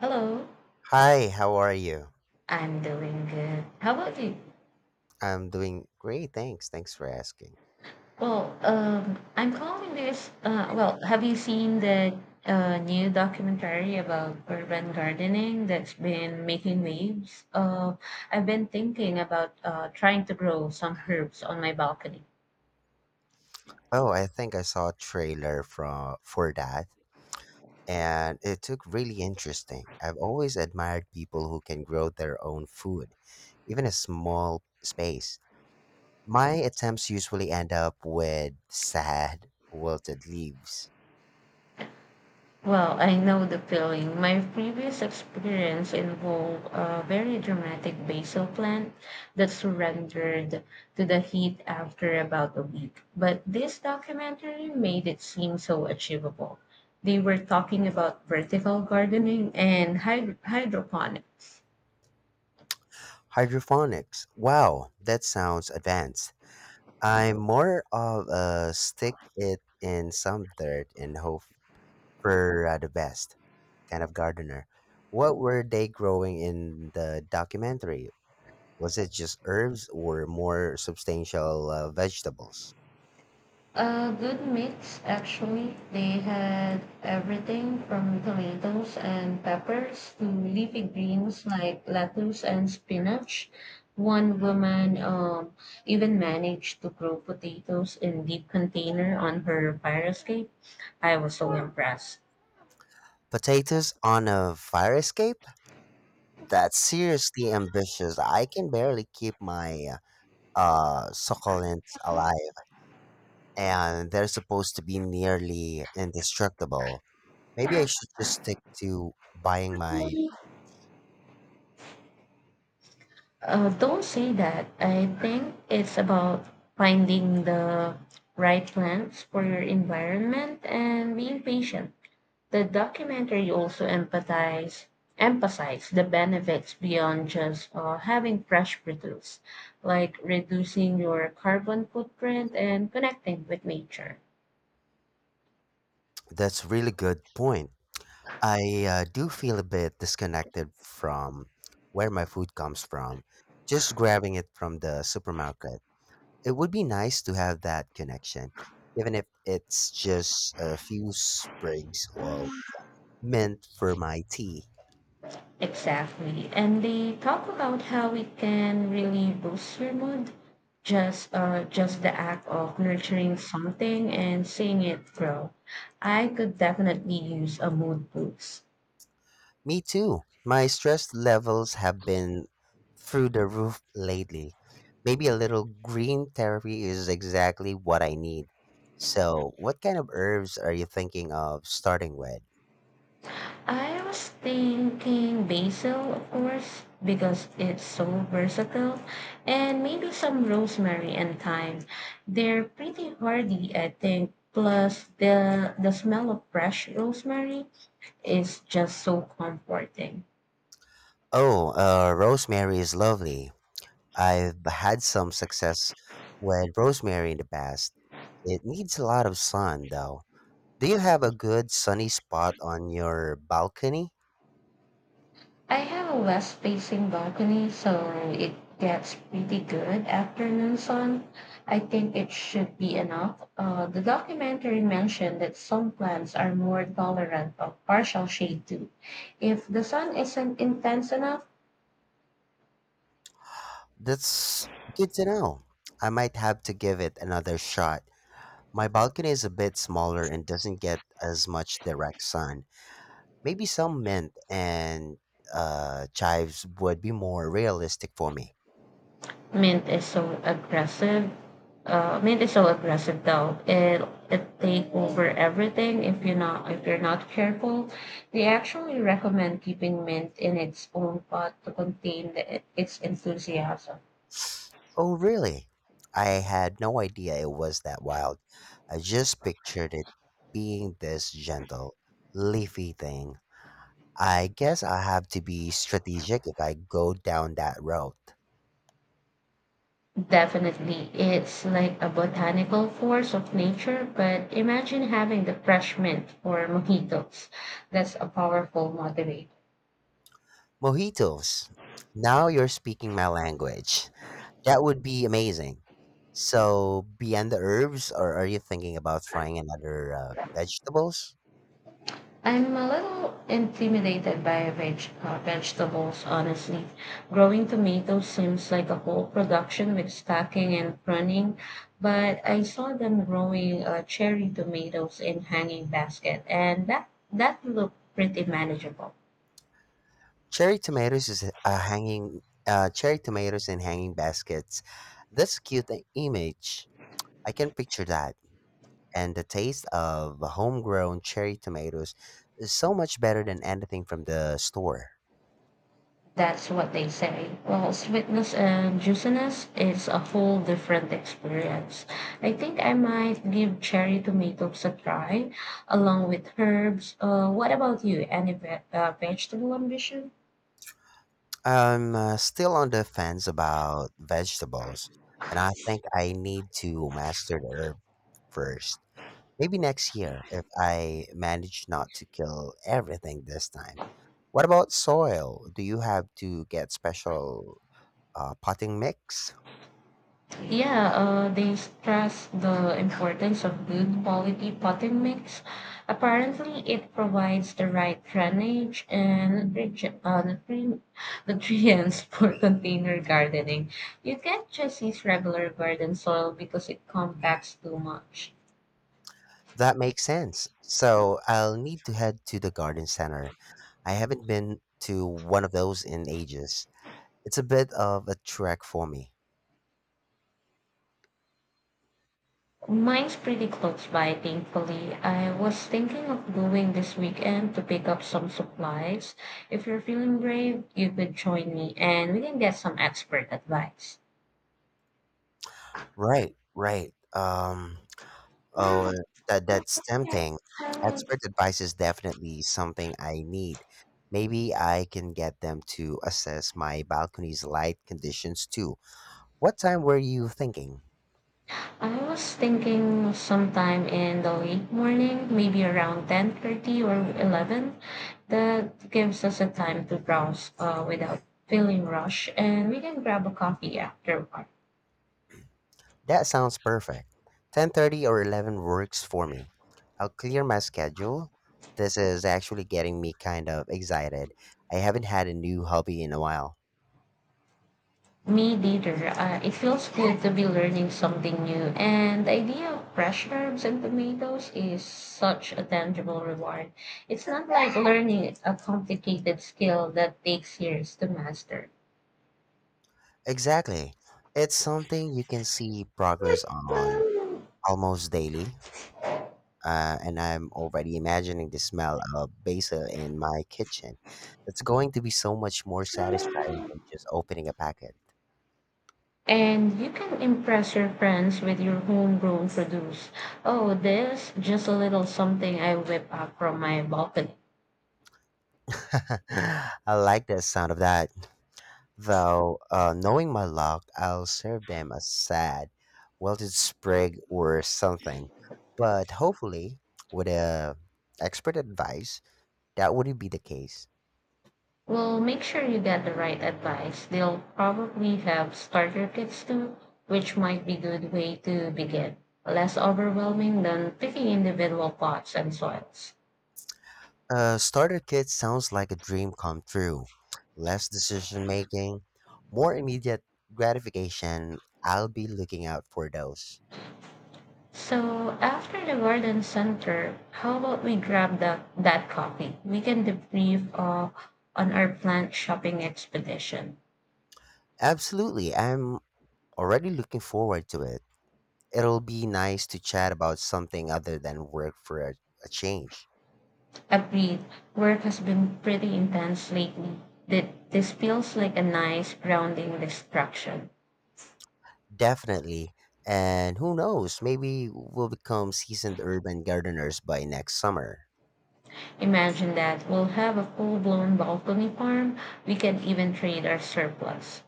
Hello, Hi, how are you? I'm doing good. How about you? I'm doing great, thanks. Thanks for asking. I'm calling this. Have you seen the new documentary about urban gardening that's been making waves? I've been thinking about trying to grow some herbs on my balcony. Oh, I think I saw a trailer from for that, and it looked really interesting. I've always admired people who can grow their own food, even a small space. My attempts usually end up with sad, wilted leaves. Well, I know the feeling. My previous experience involved a very dramatic basil plant that surrendered to the heat after about a week. But this documentary made it seem so achievable. They were talking about vertical gardening and hydroponics. Hydroponics. Wow, that sounds advanced. I'm more of a stick it in some dirt and hope for the best kind of gardener. What were they growing in the documentary? Was it just herbs or more substantial vegetables? A good mix, actually. They had everything from tomatoes and peppers to leafy greens like lettuce and spinach. One woman even managed to grow potatoes in deep container on her fire escape. I was so impressed. Potatoes on a fire escape? That's seriously ambitious. I can barely keep my succulents alive, and they're supposed to be nearly indestructible. Maybe I should just stick to buying my. Don't say that. I think it's about finding the right plants for your environment and being patient. The documentary also emphasized the benefits beyond just having fresh produce, like reducing your carbon footprint and connecting with nature. That's really good point. I do feel a bit disconnected from where my food comes from, just grabbing it from the supermarket. It would be nice to have that connection, even if it's just a few sprigs of mint for my tea. Exactly. And they talk about how it can really boost your mood. Just the act of nurturing something and seeing it grow. I could definitely use a mood boost. Me too. My stress levels have been through the roof lately. Maybe a little green therapy is exactly what I need. So, what kind of herbs are you thinking of starting with? I was thinking basil, of course, because it's so versatile, and maybe some rosemary and thyme. They're pretty hardy, I think. Plus, the smell of fresh rosemary is just so comforting. Oh, rosemary is lovely. I've had some success with rosemary in the past. It needs a lot of sun, though. Do you have a good sunny spot on your balcony? I have a west facing balcony, so it gets pretty good afternoon sun. I think it should be enough. The documentary mentioned that some plants are more tolerant of partial shade too, if the sun isn't intense enough. That's good to know. I might have to give it another shot. My balcony is a bit smaller and doesn't get as much direct sun. Maybe some mint and chives would be more realistic for me. Mint is so aggressive. Mint is so aggressive though. It take over everything if you're not careful. They actually recommend keeping mint in its own pot to contain its enthusiasm. Oh, really? I had no idea it was that wild. I just pictured it being this gentle, leafy thing. I guess I have to be strategic if I go down that road. Definitely, it's like a botanical force of nature. But imagine having the fresh mint for mojitos. That's a powerful motivator. Mojitos. Now you're speaking my language. That would be amazing. So, beyond the herbs, or are you thinking about trying another vegetables? I'm a little intimidated by vegetables, honestly. Growing tomatoes seems like a whole production with stacking and pruning, but I saw them growing cherry tomatoes in hanging basket, and that looked pretty manageable. Cherry tomatoes is hanging. Cherry tomatoes in hanging baskets. That's a cute image. I can picture that. And the taste of homegrown cherry tomatoes is so much better than anything from the store. That's what they say. Well, sweetness and juiciness is a whole different experience. I think I might give cherry tomatoes a try along with herbs. What about you? Any vegetable ambition? I'm still on the fence about vegetables, and I think I need to master the herb first. Maybe next year if I manage not to kill everything this time. What about soil? Do you have to get special potting mix? Yeah, they stress the importance of good quality potting mix. Apparently, it provides the right drainage and nutrients for container gardening. You can't just use regular garden soil because it compacts too much. That makes sense. So I'll need to head to the garden center. I haven't been to one of those in ages. It's a bit of a trek for me. Mine's pretty close by, thankfully. I was thinking of going this weekend to pick up some supplies. If you're feeling brave, you could join me and we can get some expert advice. Right, right. Oh, that's tempting. Expert advice is definitely something I need. Maybe I can get them to assess my balcony's light conditions too. What time were you thinking? I was thinking sometime in the late morning, maybe around 10:30 or 11. That gives us a time to browse without feeling rushed, and we can grab a coffee afterward. That sounds perfect. 10:30 or 11 works for me. I'll clear my schedule. This is actually getting me kind of excited. I haven't had a new hobby in a while. Me neither. It feels good to be learning something new, and the idea of fresh herbs and tomatoes is such a tangible reward. It's not like learning a complicated skill that takes years to master. Exactly. It's something you can see progress on almost daily. And I'm already imagining the smell of basil in my kitchen. It's going to be so much more satisfying than just opening a packet. And you can impress your friends with your homegrown produce. Oh, this just a little something I whip up from my balcony. I like the sound of that. Though, knowing my luck, I'll serve them a sad, wilted sprig or something. But hopefully, with a expert advice, that wouldn't be the case. Well, make sure you get the right advice. They'll probably have starter kits too, which might be good way to begin. Less overwhelming than picking individual pots and soils. A starter kit sounds like a dream come true. Less decision making, more immediate gratification. I'll be looking out for those. So after the garden center, how about we grab that coffee? We can debrief on our plant shopping expedition. Absolutely, I'm already looking forward to it. It'll be nice to chat about something other than work for a change. Agreed. Work has been pretty intense lately. This feels like a nice grounding distraction. Definitely. And who knows, maybe we'll become seasoned urban gardeners by next summer. Imagine that we'll have a full blown balcony farm. We can even trade our surplus.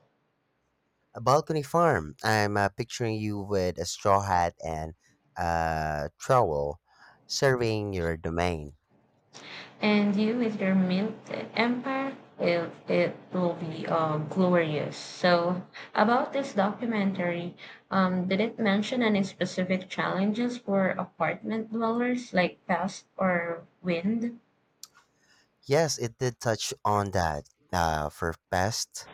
A balcony farm. I'm picturing you with a straw hat and a trowel surveying your domain. And you with your milk empire, it will be glorious. So, about this documentary, did it mention any specific challenges for apartment dwellers like pest or wind? Yes, it did touch on that for pests.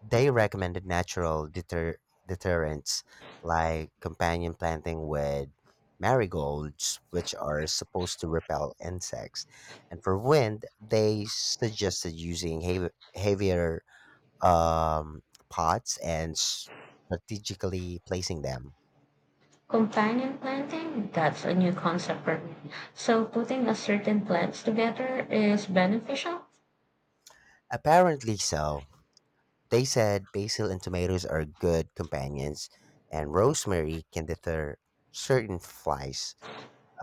They recommended natural deterrents like companion planting with marigolds, which are supposed to repel insects. And for wind, they suggested using heavier um, pots and strategically placing them. Companion planting, that's a new concept for me. So putting a certain plants together is beneficial? Apparently so. They said basil and tomatoes are good companions, and rosemary can deter certain flies.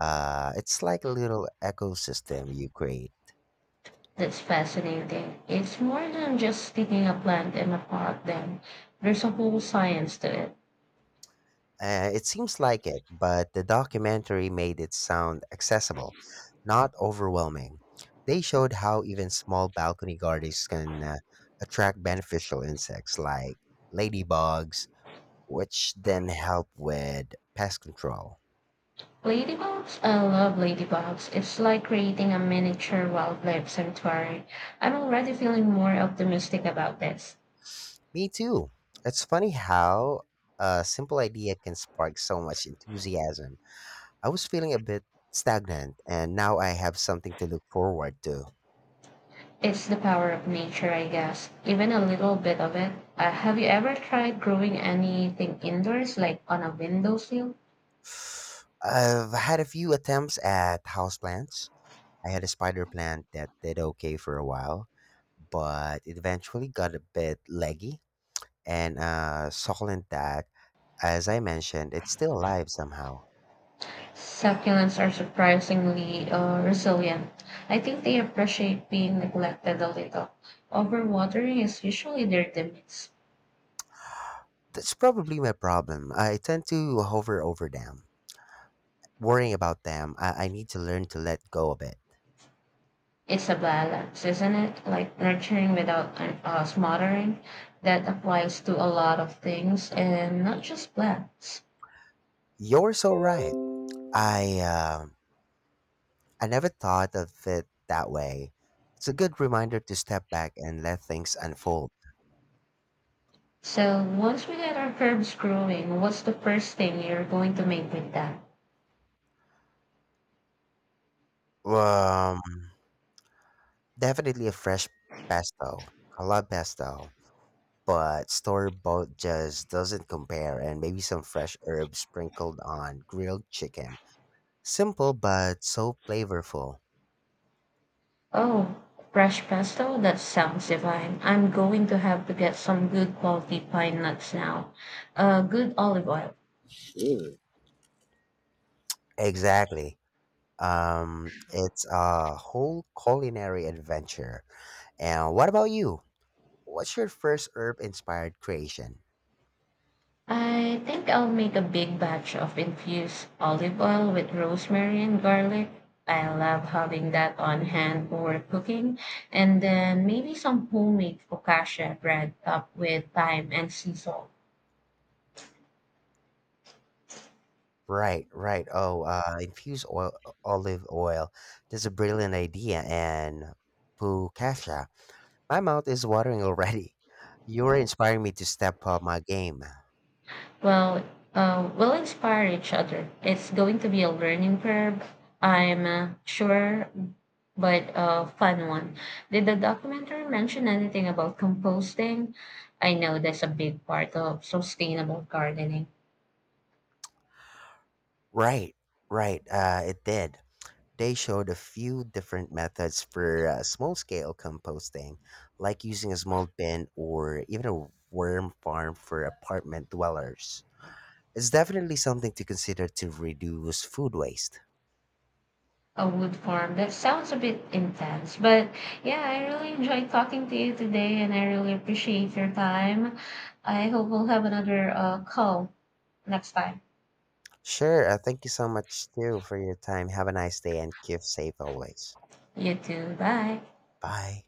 It's like a little ecosystem you create. That's fascinating. It's more than just sticking a plant in a pot then. There's a whole science to it. It seems like it, but the documentary made it sound accessible, not overwhelming. They showed how even small balcony gardens can attract beneficial insects like ladybugs, which then help with pest control. Ladybugs? I love ladybugs. It's like creating a miniature wildlife sanctuary. I'm already feeling more optimistic about this. Me too. It's funny how a simple idea can spark so much enthusiasm. I was feeling a bit stagnant, and now I have something to look forward to. It's the power of nature, I guess, even a little bit of it. Have you ever tried growing anything indoors, like on a windowsill? I've had a few attempts at houseplants. I had a spider plant that did okay for a while, but it eventually got a bit leggy and succulent that, as I mentioned, it's still alive somehow. Succulents are surprisingly resilient. I think they appreciate being neglected a little. Overwatering is usually their demise. That's probably my problem. I tend to hover over them, worrying about them. I need to learn to let go a bit. It's a balance, isn't it? Like nurturing without smothering. That applies to a lot of things and not just plants. You're so right. I um I never thought of it that way. It's a good reminder to step back and let things unfold. So once we get our herbs growing, what's the first thing you're going to make with that? Um, Definitely a fresh pesto. I love pesto, but store bought just doesn't compare. And maybe some fresh herbs sprinkled on grilled chicken. Simple but so flavorful. Oh, fresh pesto? That sounds divine. I'm going to have to get some good quality pine nuts now. Good olive oil. Mm. Exactly. It's a whole culinary adventure. And what about you? What's your first herb inspired creation? I think I'll make a big batch of infused olive oil with rosemary and garlic. I love having that on hand for cooking. And then maybe some homemade focaccia bread topped with thyme and sea salt. Right, right. Oh, infuse oil, olive oil. That's a brilliant idea. And Pukasha, my mouth is watering already. You're inspiring me to step up my game. Well, we'll inspire each other. It's going to be a learning curve, I'm sure, but a fun one. Did the documentary mention anything about composting? I know that's a big part of sustainable gardening. Right, right. It did. They showed a few different methods for small scale composting, like using a small bin or even a worm farm for apartment dwellers. It's definitely something to consider to reduce food waste. A wood farm. That sounds a bit intense, but yeah, I really enjoyed talking to you today, and I really appreciate your time. I hope we'll have another call next time. Sure, thank you so much too for your time. Have a nice day and keep safe always. You too. Bye. Bye.